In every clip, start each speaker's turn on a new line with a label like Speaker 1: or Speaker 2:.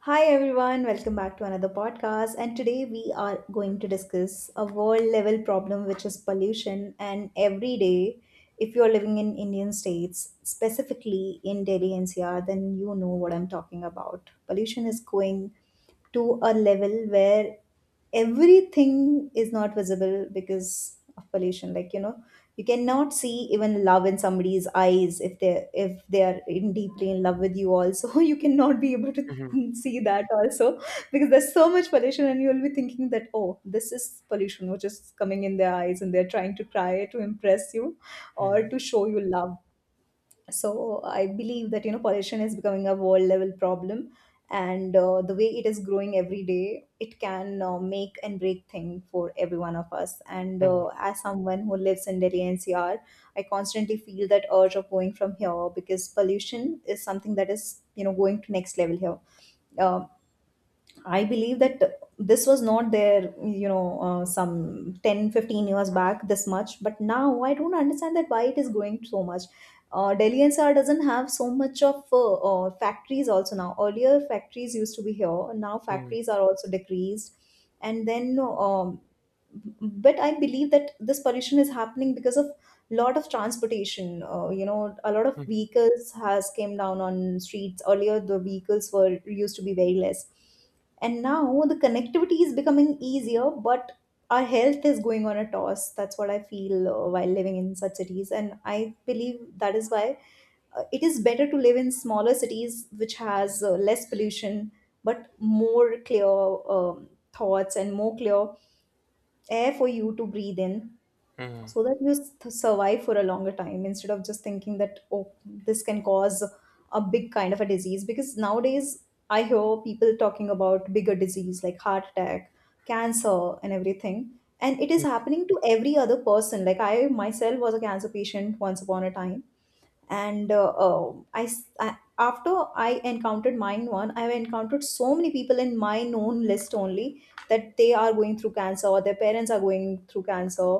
Speaker 1: Hi everyone, welcome back to another podcast. And today we are going to discuss a world level problem, which is pollution. And every day, if you're living in Indian states, specifically in Delhi NCR, then you know what I'm talking about. Pollution is going to a level where everything is not visible because of pollution, like you know, you cannot see even love in somebody's eyes if they are in deeply in love with you also. You cannot be able to
Speaker 2: Mhm,
Speaker 1: see that also, because there's so much pollution. And you'll be thinking that, oh, this is pollution which is coming in their eyes and they're trying to try to impress you or
Speaker 2: mhm,
Speaker 1: to show you love. So I believe that you know pollution is becoming a world level problem, and the way it is growing every day, it can make and break thing for every one of us. And
Speaker 2: mhm,
Speaker 1: as someone who lives in Delhi NCR, I constantly feel that urge of going from here, because pollution is something that is, you know, going to next level here. um, I believe that this was not there, you know, some 10, 15 years back this much. But now I don't understand that why it is growing so much. Delhi NCR doesn't have so much of factories also now. Earlier factories used to be here. Now
Speaker 2: mhm,
Speaker 1: factories are also decreased. And then, but I believe that this pollution is happening because of lot of transportation. You know, a lot of
Speaker 2: mhm,
Speaker 1: vehicles has came down on streets. Earlier the vehicles were used to be very less, and now the connectivity is becoming easier, but our health is going on a toss. That's what I feel while living in such cities. And I believe that is why it is better to live in smaller cities, which has less pollution, but more clear thoughts and more clear air for you to breathe in,
Speaker 2: mhm,
Speaker 1: so that you survive for a longer time, instead of just thinking that, oh, this can cause a big kind of a disease. Because nowadays I hear people talking about bigger disease like heart attack, cancer and everything, and it is happening to every other person. Like I myself was a cancer patient once upon a time, and after I encountered mine one, I have encountered so many people in my known list only, that they are going through cancer or their parents are going through cancer.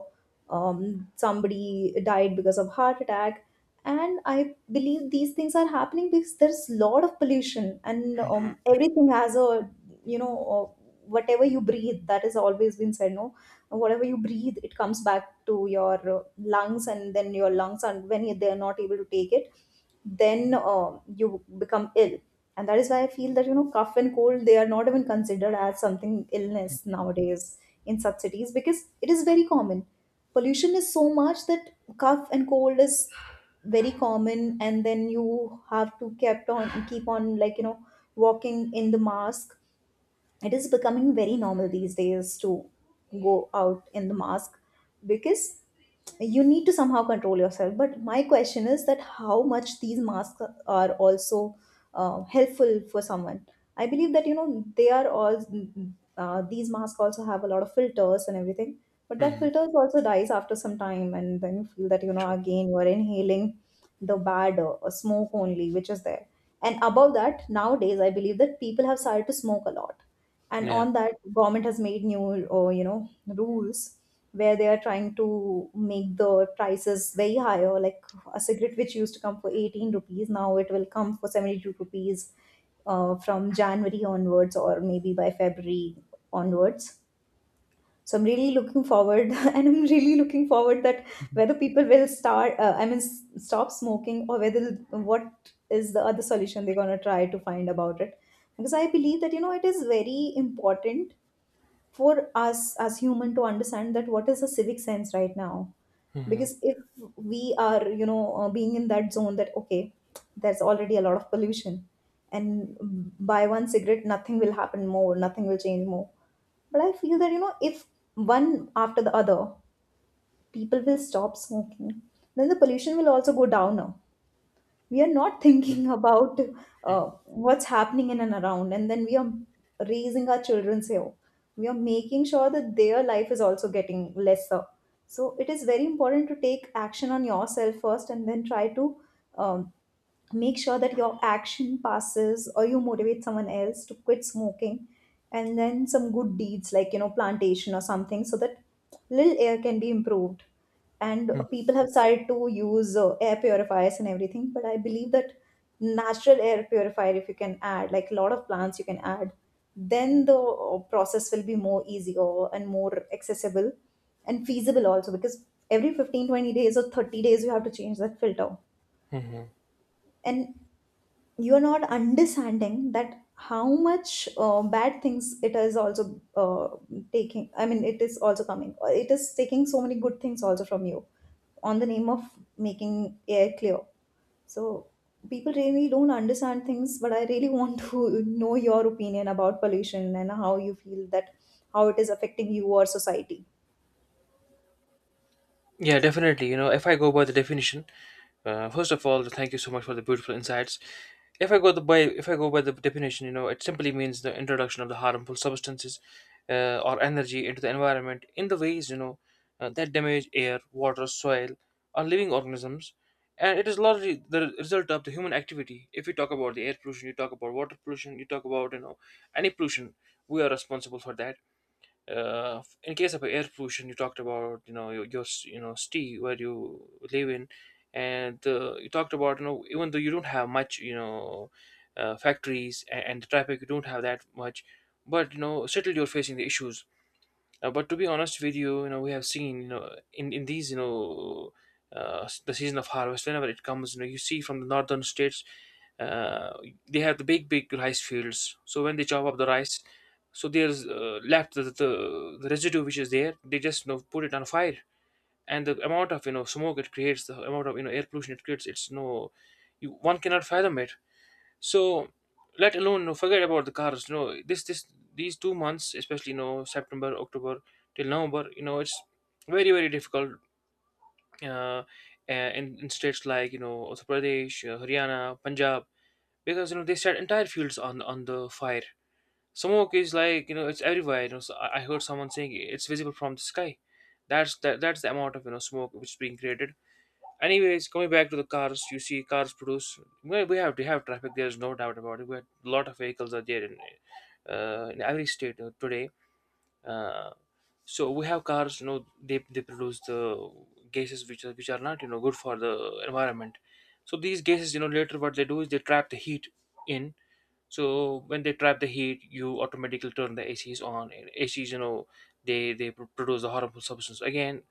Speaker 1: Somebody died because of heart attack, and I believe these things are happening because there's a lot of pollution. And everything has a, you know uh, whatever you breathe, that has always been said, no? Whatever you breathe, it comes back to your lungs, and then your lungs, and when they are not able to take it, then you become ill. And that is why I feel that you know cough and cold, they are not even considered as something illness nowadays in such cities, because it is very common. Pollution is so much that cough and cold is very common, and then you have to kept on keep on like you know walking in the mask. It is becoming very normal these days to go out in the mask, because you need to somehow control yourself. But my question is that how much these masks are also helpful for someone. I believe that you know they are all, these masks also have a lot of filters and everything, but that
Speaker 2: mhm.
Speaker 1: filters also dies after some time, and then you feel that you know
Speaker 2: True.
Speaker 1: again you're inhaling the bad smoke only which is there. And above that, nowadays I believe that people have started to smoke a lot, and
Speaker 2: Yeah.
Speaker 1: on that, government has made new, or you know, rules, where they are trying to make the prices very higher. Like a cigarette which used to come for 18 rupees, now it will come for 72 rupees, from January onwards, or maybe by February onwards. So I'm really looking forward, and I'm really looking forward, that whether people will start stop smoking, or whether what is the other solution they're going to try to find about it. Because I believe that you know it is very important for us as human to understand that what is the civic sense right now.
Speaker 2: Mhm,
Speaker 1: Because if we are, you know, being in that zone that, okay, there's already a lot of pollution, and buy one cigarette, nothing will happen more, nothing will change more. But I feel that you know if one after the other people will stop smoking, then the pollution will also go down. We are not thinking about
Speaker 2: mhm,
Speaker 1: what's happening in and around, and then we are raising our children here. We are making sure that their life is also getting lesser. So it is very important to take action on yourself first, and then try to um, make sure that your action passes, or you motivate someone else to quit smoking, and then some good deeds like you know plantation or something, so that little air can be improved. And
Speaker 2: mhm,
Speaker 1: people have started to use air purifiers and everything, but I believe that natural air purifier, if you can add, like a lot of plants you can add, then the process will be more easier and more accessible and feasible also, because every 15, 20 days or 30 days you have to change that filter.
Speaker 2: mhm.
Speaker 1: And you're not understanding that how much bad things it is also taking, I mean, it is also coming, or it is taking so many good things also from you, on the name of making air clear. So people really don't understand things, but I really want to know your opinion about pollution, and how you feel that how it is affecting you or society.
Speaker 2: Yeah, definitely. You know, if I go by the definition, first of all, thank you so much for the beautiful insights. If I go the by, if I go by the definition, you know, it simply means the introduction of the harmful substances or energy into the environment in the ways you know that damage air, water, soil, or living organisms, and it is largely the result of the human activity. If you talk about the air pollution, you talk about water pollution, you talk about any pollution, we are responsible for that. In case of air pollution, you talked about your city where you live in, and you talked about even though you don't have much you know factories and the traffic, you don't have that much, but you know still you're facing the issues. But to be honest with you, you know, we have seen, you know, in these, you know, the season of harvest, whenever it comes, you know, you see from the northern states. uh, they have the big, big rice fields. So when they chop up the rice, so there's left the residue which is there. They just you know put it on fire, and the amount of you know smoke it creates, the amount of you know air pollution it creates, it's no, you one cannot fathom it. So let alone no forget about the cars. No, this these 2 months, especially you know September, October till November, you know it's very very difficult. Uh, in states like you know Uttar Pradesh, Haryana, Punjab, because you know they set entire fields on the fire. Smoke is like you know it's everywhere. You know, so I heard someone saying it's visible from the sky. That's the amount of you know smoke which is being created. Anyways, coming back to the cars, you see cars produce. We have to have traffic. There's no doubt about it. A lot of vehicles are there in every state today. Uh, so we have cars. You know, they produce the gases which are not you know good for the environment. So these gases, you know, later what they do is they trap the heat in. So when they trap the heat you automatically turn the acs on and acs you know produce the harmful substance again.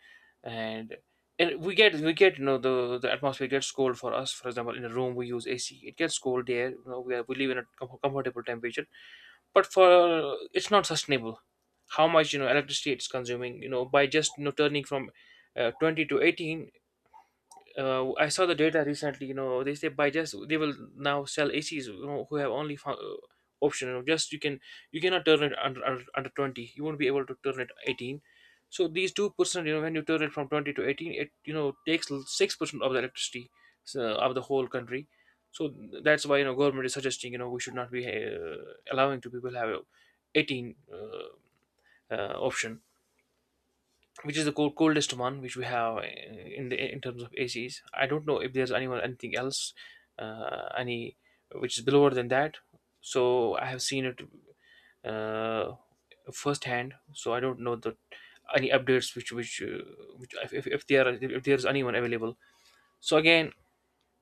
Speaker 2: and and we get you know the atmosphere gets cold for us. For example, in a room we use ac it gets cold there, you know, we live in a comfortable temperature, but for it's not sustainable. How much you know electricity it's consuming you know by just you know turning from 20 to 18. I saw the data recently. You know, they say by just they will now sell ACs you know, who have only found, option. You know, just you cannot turn it under 20. You won't be able to turn it 18. So these 2%, you know, when you turn it from 20 to 18, it you know takes 6% of the electricity of the whole country. So that's why you know government is suggesting you know we should not be allowing to people have a 18 option which is the coldest one which we have in the in terms of ACs. I don't know if there's anyone anything else, any which is below than that. So I have seen it uh, firsthand. So I don't know the any updates which if, there are, if there's anyone available. So again,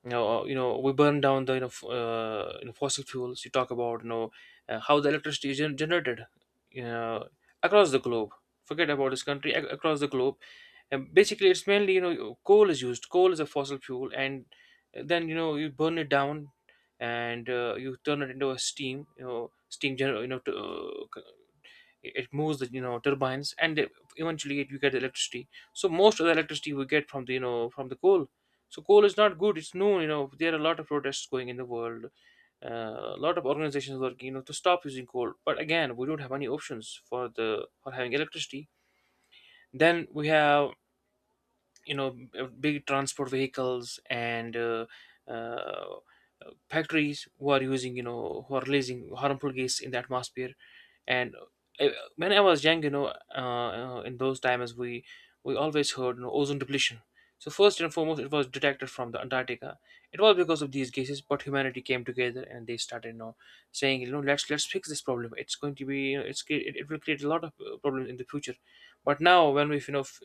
Speaker 2: you know we burn down the fossil fuels. You talk about you know how the electricity is generated, you know, across the globe. Forget about this country. Across the globe, and basically it's mainly you know coal is used. Coal is a fossil fuel, and then you know you burn it down, and you turn it into a steam, you know, steam gener- you know to, it moves the you know turbines, and eventually, you get electricity. So most of the electricity we get from the you know from the coal. So coal is not good, it's known, you know there are a lot of protests going in the world. A lot of organizations working you know to stop using coal, but again we don't have any options for the for having electricity. Then we have you know big transport vehicles and uh, factories who are using you know who are releasing harmful gas in the atmosphere. And uh, when I was young you know in those times we always heard, you know, ozone depletion. So first and foremost it was detected from the Antarctica. It was because of these gases. But humanity came together and they started you know saying you know let's fix this problem. It's going to be, you know, it will create a lot of problems in the future. But now when we you know f-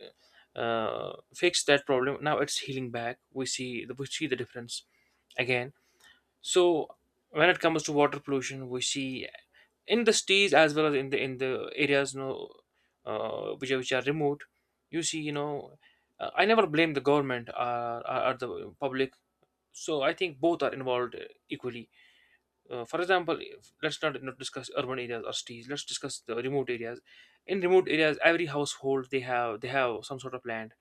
Speaker 2: uh, fix that problem, now it's healing back. We see the difference. Again, so when it comes to water pollution, we see in the cities as well as in the areas, you know, which are remote. You see, you know, I never blame the government, or the public. So I think both are involved equally. For example, let's not discuss urban areas or cities. Let's discuss the remote areas. In remote areas, every household they have some sort of land,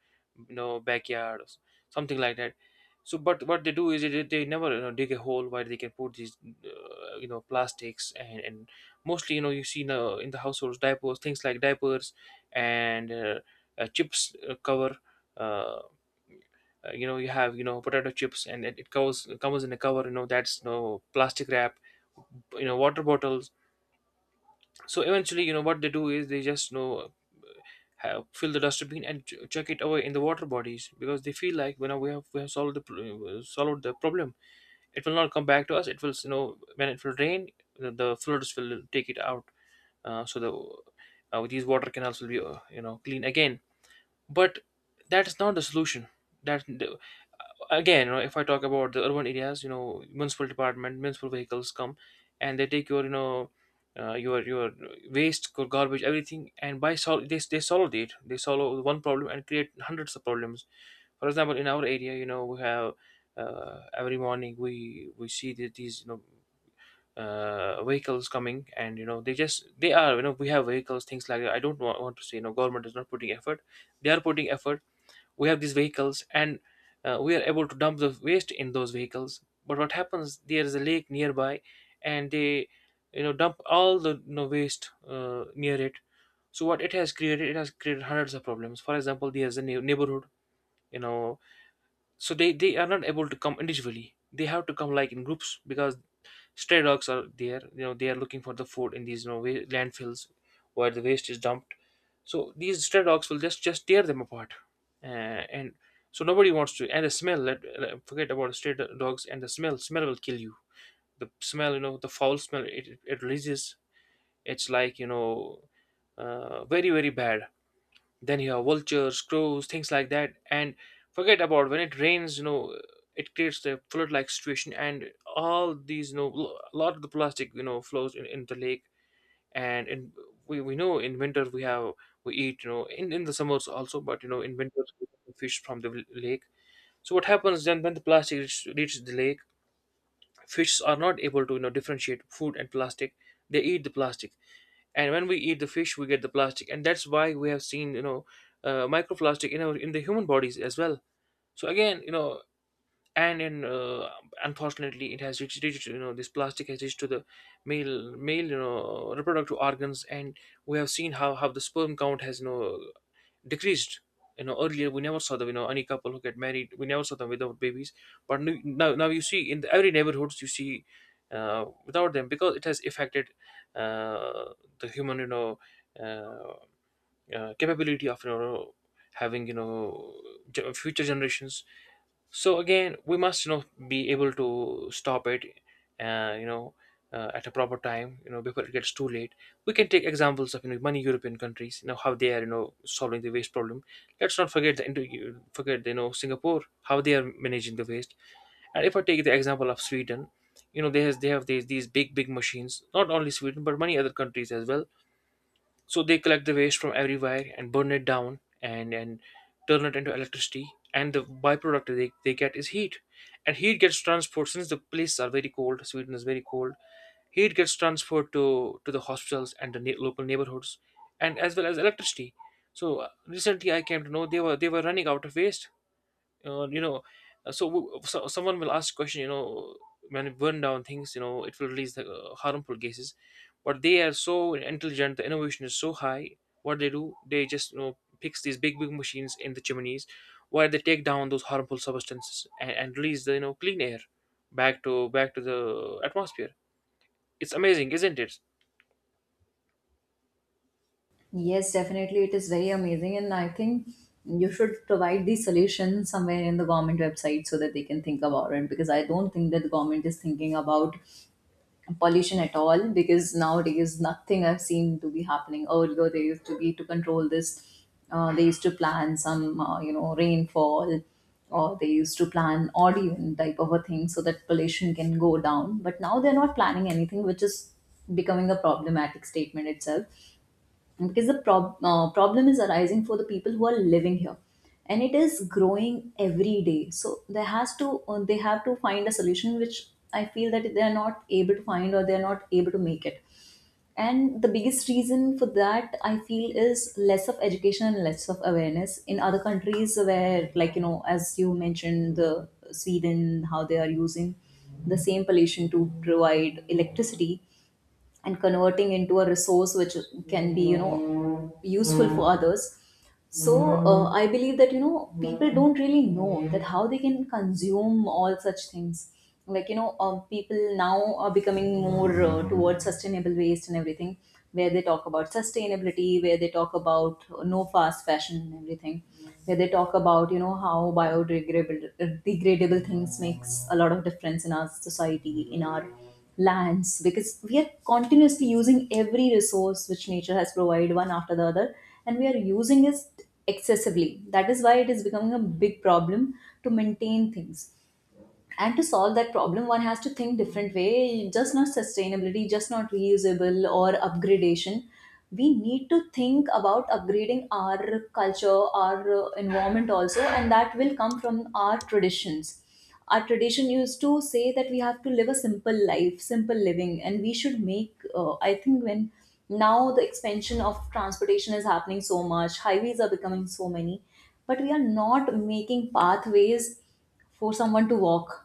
Speaker 2: you know, backyard, or something like that. So, but what they do is they never, you know, dig a hole where they can put these, you know, plastics and mostly you know you see in the households diapers, things like diapers, and chips cover. Uh, you know you have you know potato chips and it covers comes in a cover, you know, that's no plastic wrap, you know, water bottles. So eventually, you know, what they do is they just, you know, fill the dustbin and chuck it away in the water bodies because they feel like, you know, we have solved the problem. It will not come back to us, it will, you know, when it will rain the floods will take it out. So these water canals will be you know clean again. But that is not the solution. That again you know, if I talk about the urban areas, you know, municipal department municipal vehicles come, and they take your waste, your garbage, everything, and they solve it. They solve one problem and create hundreds of problems. For example, in our area you know we have every morning we see that these you know vehicles coming, and you know they just they are you know we have vehicles, things like that. I don't want to say you know government is not putting effort. They are putting effort, we have these vehicles, and we are able to dump the waste in those vehicles. But what happens, there is a lake nearby, and they, you know, dump all the, you know, waste near it. So what it has created hundreds of problems. For example, there's a neighborhood, you know, so they are not able to come individually. They have to come like in groups because stray dogs are there. You know, they are looking for the food in these you know landfills where the waste is dumped. So these stray dogs will just tear them apart, uh, and so nobody wants to. And the smell. Forget about stray dogs and the smell. Smell will kill you. The smell, you know, the foul smell it releases. It's very bad. Then you have vultures, crows, things like that. And forget about when it rains you know it creates the flood like situation, and all these a lot of the plastic flows in the lake. And in we, we know in winter we have, we eat in the summers also, but in winter we get fish from the lake. So what happens then when the reaches the lake? Fish are not able to differentiate food and plastic. They eat the plastic, and when we eat the fish we get the plastic. And that's why we have seen, microplastic in our, in the human bodies as well. So again, you know and in unfortunately it has reached, this plastic has reached to the male reproductive organs, and we have seen how the sperm count has, decreased. You know, earlier we never saw them. You know, any couple who get married, we never saw them without babies. But now you see, in the, every neighborhoods you see, without them, because it has affected uh, the human, uh, capability of having, future generations. So again, we must be able to stop it, uh, you know at a proper time, before it gets too late. We can take examples of, many European countries, how they are solving the waste problem. Let's not forget Singapore, how they are managing the waste. And if I take the example of Sweden, they have these big machines, not only Sweden but many other countries as well. So they collect the waste from everywhere and burn it down, and turn it into electricity, and the byproduct they get is heat. And heat gets transferred, since the places are very cold. Sweden is very cold. Heat gets transferred to the hospitals and the local neighborhoods, and as well as electricity. So recently I came to know they were running out of waste. uh, you know so, so someone will ask question, when you burn down things, it will release the harmful gases. But they are so intelligent, the innovation is so high. What they do, they just fix these big machines in the chimneys, where they take down those harmful substances and, release the clean air back to the atmosphere. It's amazing, isn't it?
Speaker 1: Yes, definitely. It is very amazing. And I think you should provide these solutions somewhere in the government website, so that they can think about it. Because I don't think that the government is thinking about pollution at all. Because nowadays, nothing I've seen to be happening. Earlier, they used to be to control this. They used to plan some, you know, rainfall, or they used to plan odd even type of a thing, so that pollution can go down. But now they're not planning anything, which is becoming a problematic statement itself, because the problem is arising for the people who are living here, and it is growing every day. So there has to, they have to find a solution, which I feel that they are not able to find, or they are not able to make it. And the biggest reason for that, I feel, is less of education and less of awareness in other countries, where, like you know, as you mentioned the Sweden, how they are using the same pollution to provide electricity and converting into a resource which can be, you know, useful for others. So I believe that you know people don't really know that how they can consume all such things. Like you know, people now are becoming more towards sustainable waste and everything, where they talk about sustainability, where they talk about no fast fashion and everything, where they talk about you know how biodegradable degradable things makes a lot of difference in our society, in our lands, because we are continuously using every resource which nature has provided, one after the other, and we are using it excessively. That is why it is becoming a big problem to maintain things. And to solve that problem, one has to think different way. Just not sustainability, just not reusable or upgradation, we need to think about upgrading our culture, our environment also, and that will come from our traditions. Our tradition used to say that we have to live a simple life, simple living. And we should make, I think when now the expansion of transportation is happening so much, highways are becoming so many, but we are not making pathways for someone to walk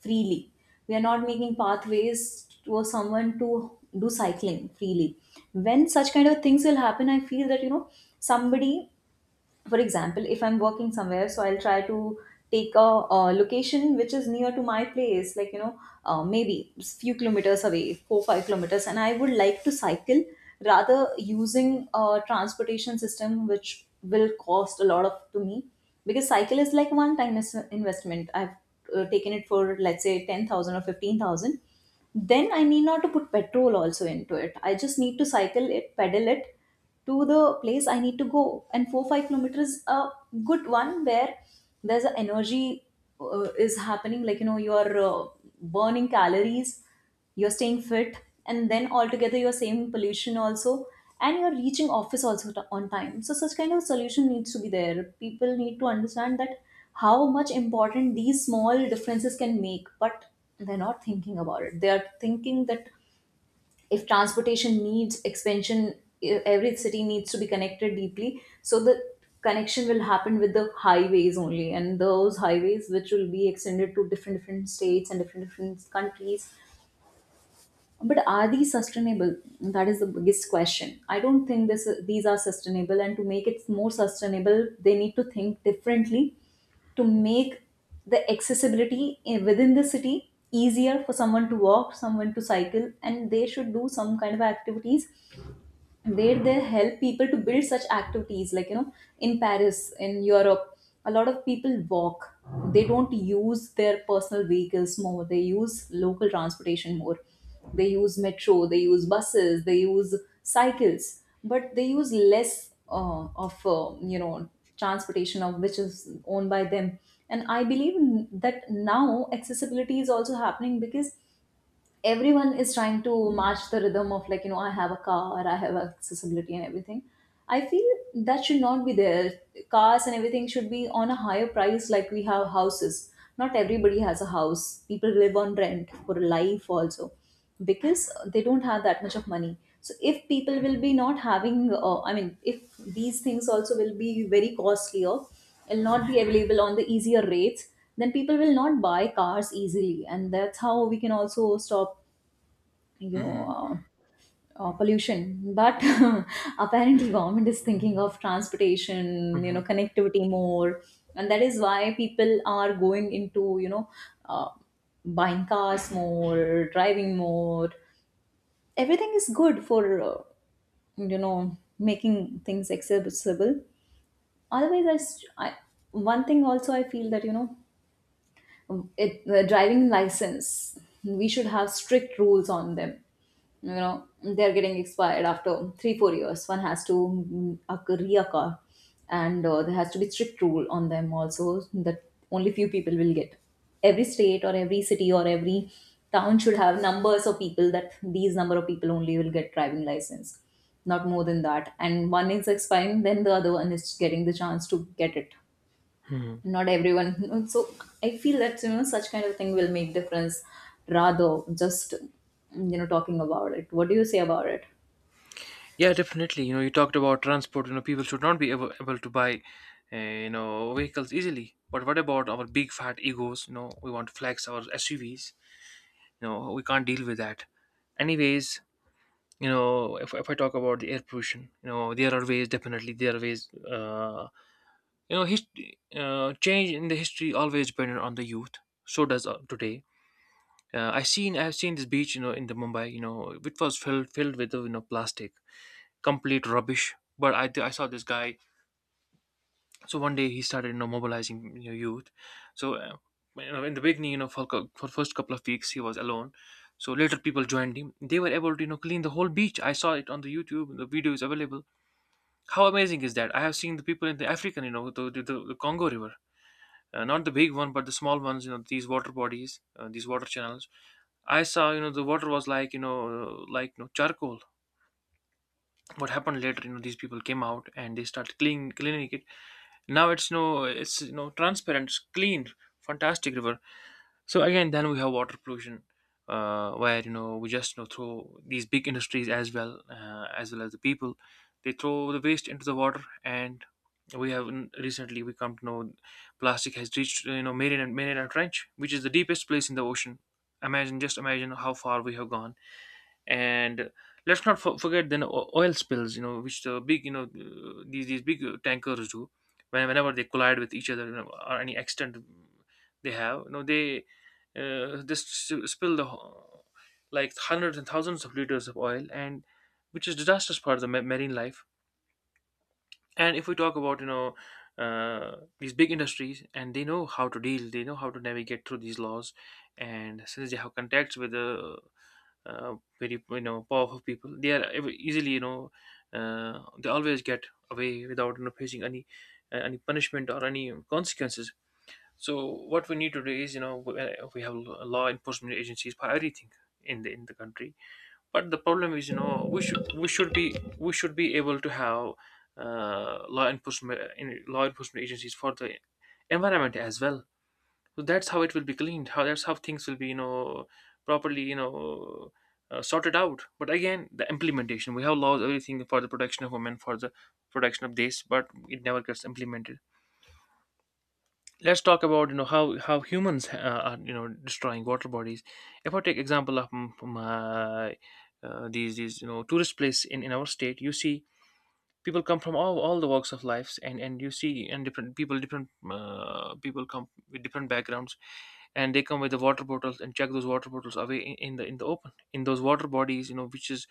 Speaker 1: freely. We are not making pathways for someone to do cycling freely. When such kind of things will happen, I feel that you know somebody, for example, if I'm working somewhere, so I'll try to take a, location which is near to my place, like you know, maybe few kilometers away, 4 5 kilometers, and I would like to cycle, rather using a transportation system which will cost a lot of to me. Because cycle is like one time investment. I've taken it for, let's say, 10,000 or 15,000. Then I need not to put petrol also into it. I just need to cycle it, pedal it to the place I need to go. And 4-5 kilometers is a good one where there's a energy is happening. Like you are burning calories, you're staying fit, and then altogether you're saving pollution also, and you're reaching office also on time. So such kind of solution needs to be there. People need to understand that how much important these small differences can make, but they're not thinking about it. They are thinking that if transportation needs expansion, every city needs to be connected deeply, so the connection will happen with the highways only, and those highways which will be extended to different different states and different different countries. But are these sustainable? That is the biggest question. I don't think this these are sustainable, and to make it more sustainable they need to think differently, to make the accessibility within the city easier for someone to walk, someone to cycle. And they should do some kind of activities where they help people to build such activities, in Paris, in Europe, a lot of people walk. They don't use their personal vehicles more. They use local transportation more. They use metro, they use buses, they use cycles, but they use less of, transportation of which is owned by them. And I believe that now accessibility is also happening, because everyone is trying to match the rhythm of, I have a car, I have accessibility and everything. I feel that should not be there. Cars and everything should be on a higher price, like we have houses. Not everybody has a house. People live on rent for life also, because they don't have that much of money. So if people will be not having, I mean if these things also will be very costlier, will not be available on the easier rates, then people will not buy cars easily. And that's how we can also stop, you know
Speaker 2: Mm-hmm.
Speaker 1: uh, pollution. But apparently government is thinking of transportation,
Speaker 2: Mm-hmm.
Speaker 1: connectivity more. And that is why people are going into, uh, buying cars more, driving more. Everything is good for, making things accessible. Otherwise, one thing also I feel that, it the driving license, we should have strict rules on them. you know they're getting expired after 3-4 years. One has to reoccur. And there has to be strict rule on them also, that only few people will get. Every state or every city or every town should have numbers of people, that these number of people only will get driving license, not more than that. And one is expiring, then the other one is getting the chance to get it, not everyone. So I feel that such kind of thing will make difference, rather just talking about it. What do you say about it?
Speaker 2: Yeah, definitely. You know, you talked about transport. You know, people should not be able to buy, vehicles easily. But what about our big fat egos? You know, we want to flex our SUVs. You know, we can't deal with that. Anyways, you know, if I talk about the air pollution, you know, there are ways, definitely, there are ways, you know, hist- change in the history always depended on the youth. So does today. I've seen this beach, you know, in the Mumbai, you know, which was filled with, plastic, complete rubbish. I saw this guy. So one day he started, you know, mobilizing, you know, youth. So you know, in the beginning, you know, for first couple of weeks he was alone. So later people joined him. They were able to, you know, clean the whole beach. I saw it on the YouTube. The video is available. How amazing is that? I have seen the people in the African, you know, the the Congo River, not the big one, but the small ones. You know, these water bodies, these water channels. I saw, you know, the water was like, you know, charcoal. What happened later, you know, these people came out and they started cleaning it. Now it's no it's, you know, transparent, it's clean, fantastic river. So again, then we have water pollution, where you know, we just you know, throw, these big industries as well, as well as the people, they throw the waste into the water. And we have, recently we come to know, plastic has reached, you know, Mariana Trench, which is the deepest place in the ocean. Imagine, just imagine how far we have gone. And let's not forget then oil spills, you know, which the big, you know, these big tankers do. Whenever they collide with each other, you know, or any accident, they have, you know, they spill the like hundreds and thousands of liters of oil, and which is disastrous part of the marine life. And if we talk about, you know, these big industries, and they know how to deal, they know how to navigate through these laws. And since they have contacts with the very, you know, powerful people, they are easily, you know, they always get away without, you know, facing any punishment or any consequences. So what we need to do is, you know, we have law enforcement agencies for everything in the country. But the problem is, you know, we should be, we should be able to have law enforcement agencies for the environment as well. So that's how it will be cleaned how that's how things will be, you know, properly, you know, sorted out. But again, the implementation, we have laws everything for the protection of women, for the protection of this, but it never gets implemented. Let's talk about, you know, how humans are, you know, destroying water bodies. If I take example of my, these, you know, tourist place in our state, you see people come from all the walks of lives. And you see, and different people, different, people come with different backgrounds, and they come with the water bottles and check those water bottles away in the open, in those water bodies, you know, which is,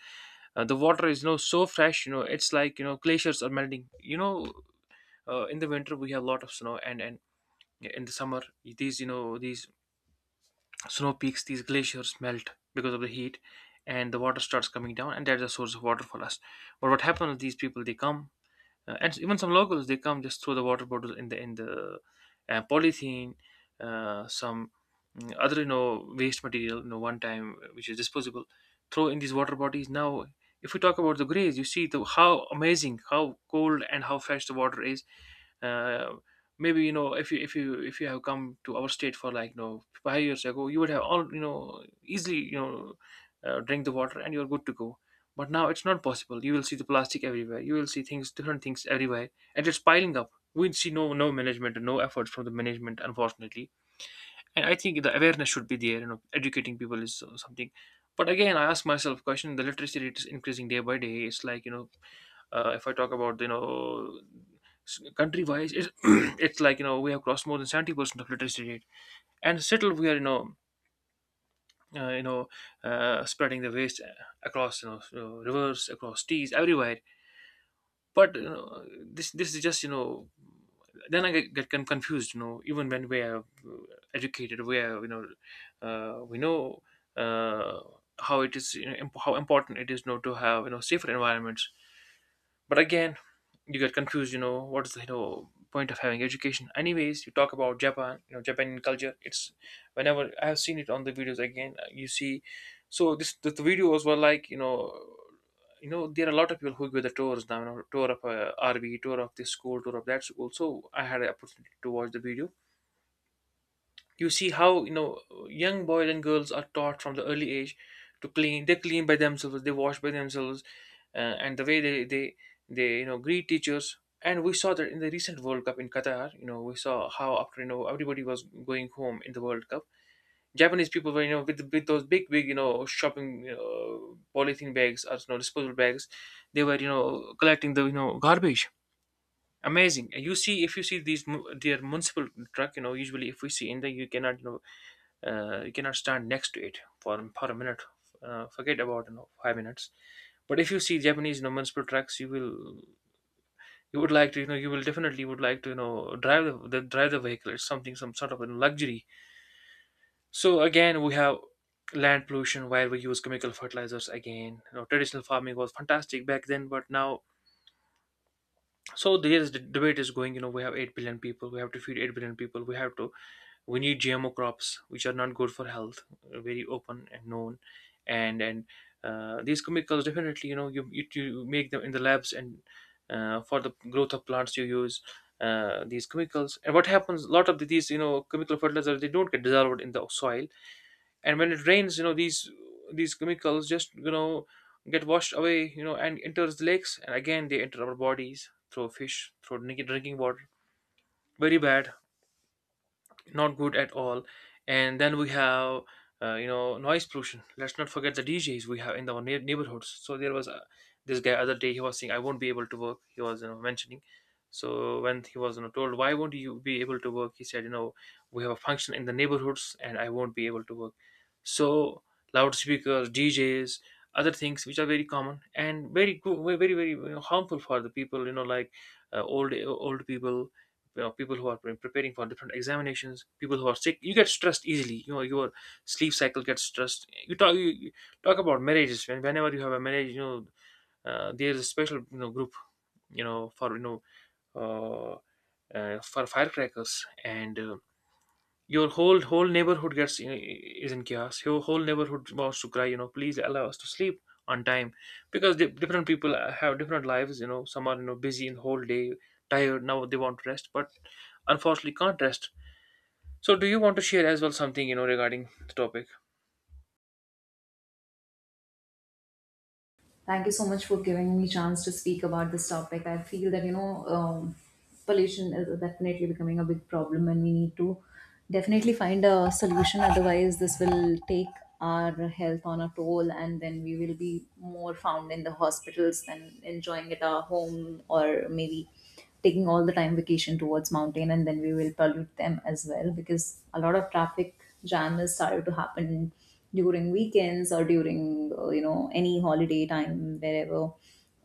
Speaker 2: the water is, you know, so fresh, you know, it's like, you know, glaciers are melting, you know, in the winter we have a lot of snow. And yeah, in the summer, these, you know, these snow peaks, these glaciers melt because of the heat, and the water starts coming down, and that's a source of water for us. But what happens is, these people they come, and even some locals they come, just throw the water bottle in the polythene, some other, you know, waste material, you know, one time which is disposable. Throw in these water bodies. Now, if we talk about the grays, you see the how amazing, how cold and how fresh the water is. Uh, Maybe, you know, if you have come to our state for like, you know, 5 years ago, you would have all, you know, easily, you know, drink the water and you're good to go. But now it's not possible. You will see the plastic everywhere. You will see things, different things everywhere, and it's piling up. We see no management and no efforts from the management, unfortunately. And I think the awareness should be there. You know, educating people is something. But again, I ask myself a question: the literacy rate is increasing day by day. It's like, you know, if I talk about, you know, country wise, it's, it's like, you know, we have crossed more than 70% of literacy rate, and still we are, uh, you know spreading the waste, across, you know, rivers, across seas, everywhere. But, you know, this is just, you know, then I get confused, you know, even when we are educated, we are, we know uh, how it is, you know, how important it is, you know, to have, you know, safer environments. But again, you get confused, you know, what is the, you know, point of having education. Anyways, you talk about Japan, you know, Japanese culture, it's, whenever I have seen it on the videos, again, you see, so this the videos were like, you know, there are a lot of people who give the tours now, you know, tour of rv, tour of this school, tour of that school. So I had an opportunity to watch the video. You see how, you know, young boys and girls are taught from the early age to clean. They clean by themselves, they wash by themselves, uh, and the way they, you know, greet teachers. And we saw that in the recent World Cup in Qatar, you know, we saw how, after, you know, everybody was going home in the World Cup, Japanese people were, you know, with those big, you know, shopping, you know, polythene bags or, you know, disposable bags, they were, you know, collecting the, you know, garbage. Amazing. You see, if you see these their municipal truck, you know, usually if we see in there, you cannot, you know, you cannot stand next to it for a minute. Forget about, you know, 5 minutes. But if you see Japanese, you know, municipal trucks, you will, you would like to, you know, you will definitely would like to, you know, drive the vehicle. It's something, some sort of a luxury. So again, we have land pollution, where we use chemical fertilizers again. You know, traditional farming was fantastic back then, but now, so there's the debate is going. You know, we have 8 billion people. We have to feed 8 billion people. We have to. We need GMO crops, which are not good for health. Very open and known, and these chemicals, definitely. You know, you make them in the labs, and for the growth of plants you use these chemicals. And what happens, a lot of these, you know, chemical fertilizers, they don't get dissolved in the soil, and when it rains, you know, these chemicals just, you know, get washed away, you know, and enters the lakes, and again they enter our bodies through fish, through drinking water. Very bad, not good at all. And then we have, you know, noise pollution. Let's not forget the DJs we have in our neighborhoods. So there was this guy other day. He was saying, "I won't be able to work." He was, you know, mentioning. So when he was, you know, told, "Why won't you be able to work?" He said, "You know, we have a function in the neighborhoods, and I won't be able to work." So loudspeakers, DJs, other things which are very common and very good, very very, you know, harmful for the people. You know, like old people, you know, people who are preparing for different examinations, people who are sick, you get stressed easily. You know, your sleep cycle gets stressed. You talk, you talk about marriages. Whenever you have a marriage, you know, there is a special, you know, group, you know, for, uh, for firecrackers, and your whole neighborhood gets is in chaos. Your whole neighborhood wants to cry, you know, please allow us to sleep on time. Because the, different people have different lives, you know, some are, you know, busy in whole day, tired, now they want to rest, but unfortunately can't rest. So do you want to share as well something, you know, regarding the topic?
Speaker 1: Thank you so much for giving me chance to speak about this topic. I feel that, pollution is definitely becoming a big problem, and we need to definitely find a solution. Otherwise this will take our health on a toll, and then we will be more found in the hospitals than enjoying at our home, or maybe taking all the time vacation towards mountain, and then we will pollute them as well, because a lot of traffic jam is started to happen during weekends or during any holiday time. Wherever,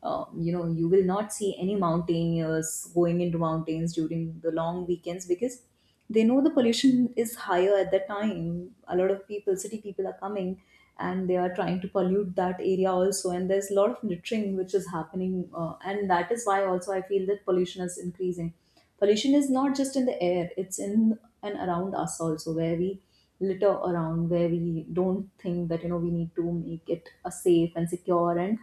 Speaker 1: you will not see any mountaineers going into mountains during the long weekends, because they know the pollution is higher at that time. A lot of people, city people, are coming, and they are trying to pollute that area also. And there's a lot of littering which is happening, and that is why also I feel that pollution is increasing. Pollution is not just in the air, it's in and around us also, where we litter around, where we don't think that we need to make it a safe and secure and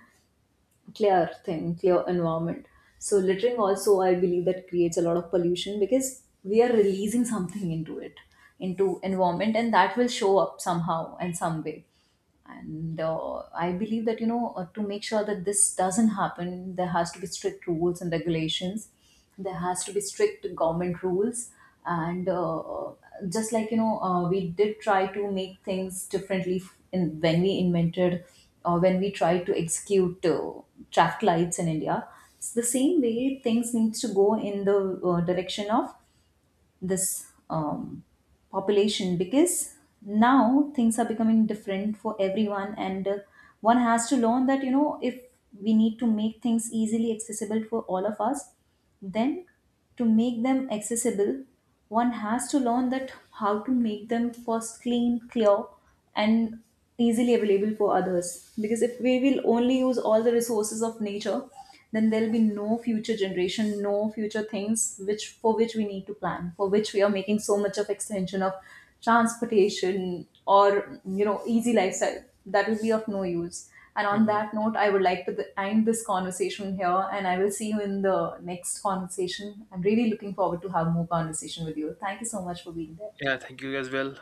Speaker 1: clear thing, clear environment. So littering also, I believe that creates a lot of pollution, because we are releasing something into it, into environment, and that will show up somehow and some way. And I believe that, to make sure that this doesn't happen, there has to be strict rules and regulations. There has to be strict government rules. And just like, we did try to make things differently, when we invented or when we tried to execute traffic lights in India. It's the same way things needs to go in the direction of this population. Because now things are becoming different for everyone, and one has to learn that, if we need to make things easily accessible for all of us, then to make them accessible, one has to learn that how to make them first clean clear and easily available for others. Because if we will only use all the resources of nature, then there'll be no future generation, no future things which for which we need to plan, for which we are making so much of extension of transportation or easy lifestyle. That will be of no use. And on
Speaker 2: Hmm.
Speaker 1: that note, I would like to end this conversation here, and I will see you in the next conversation. I'm really looking forward to have more conversation with you. Thank you so much for being there.
Speaker 2: Yeah, thank you as well.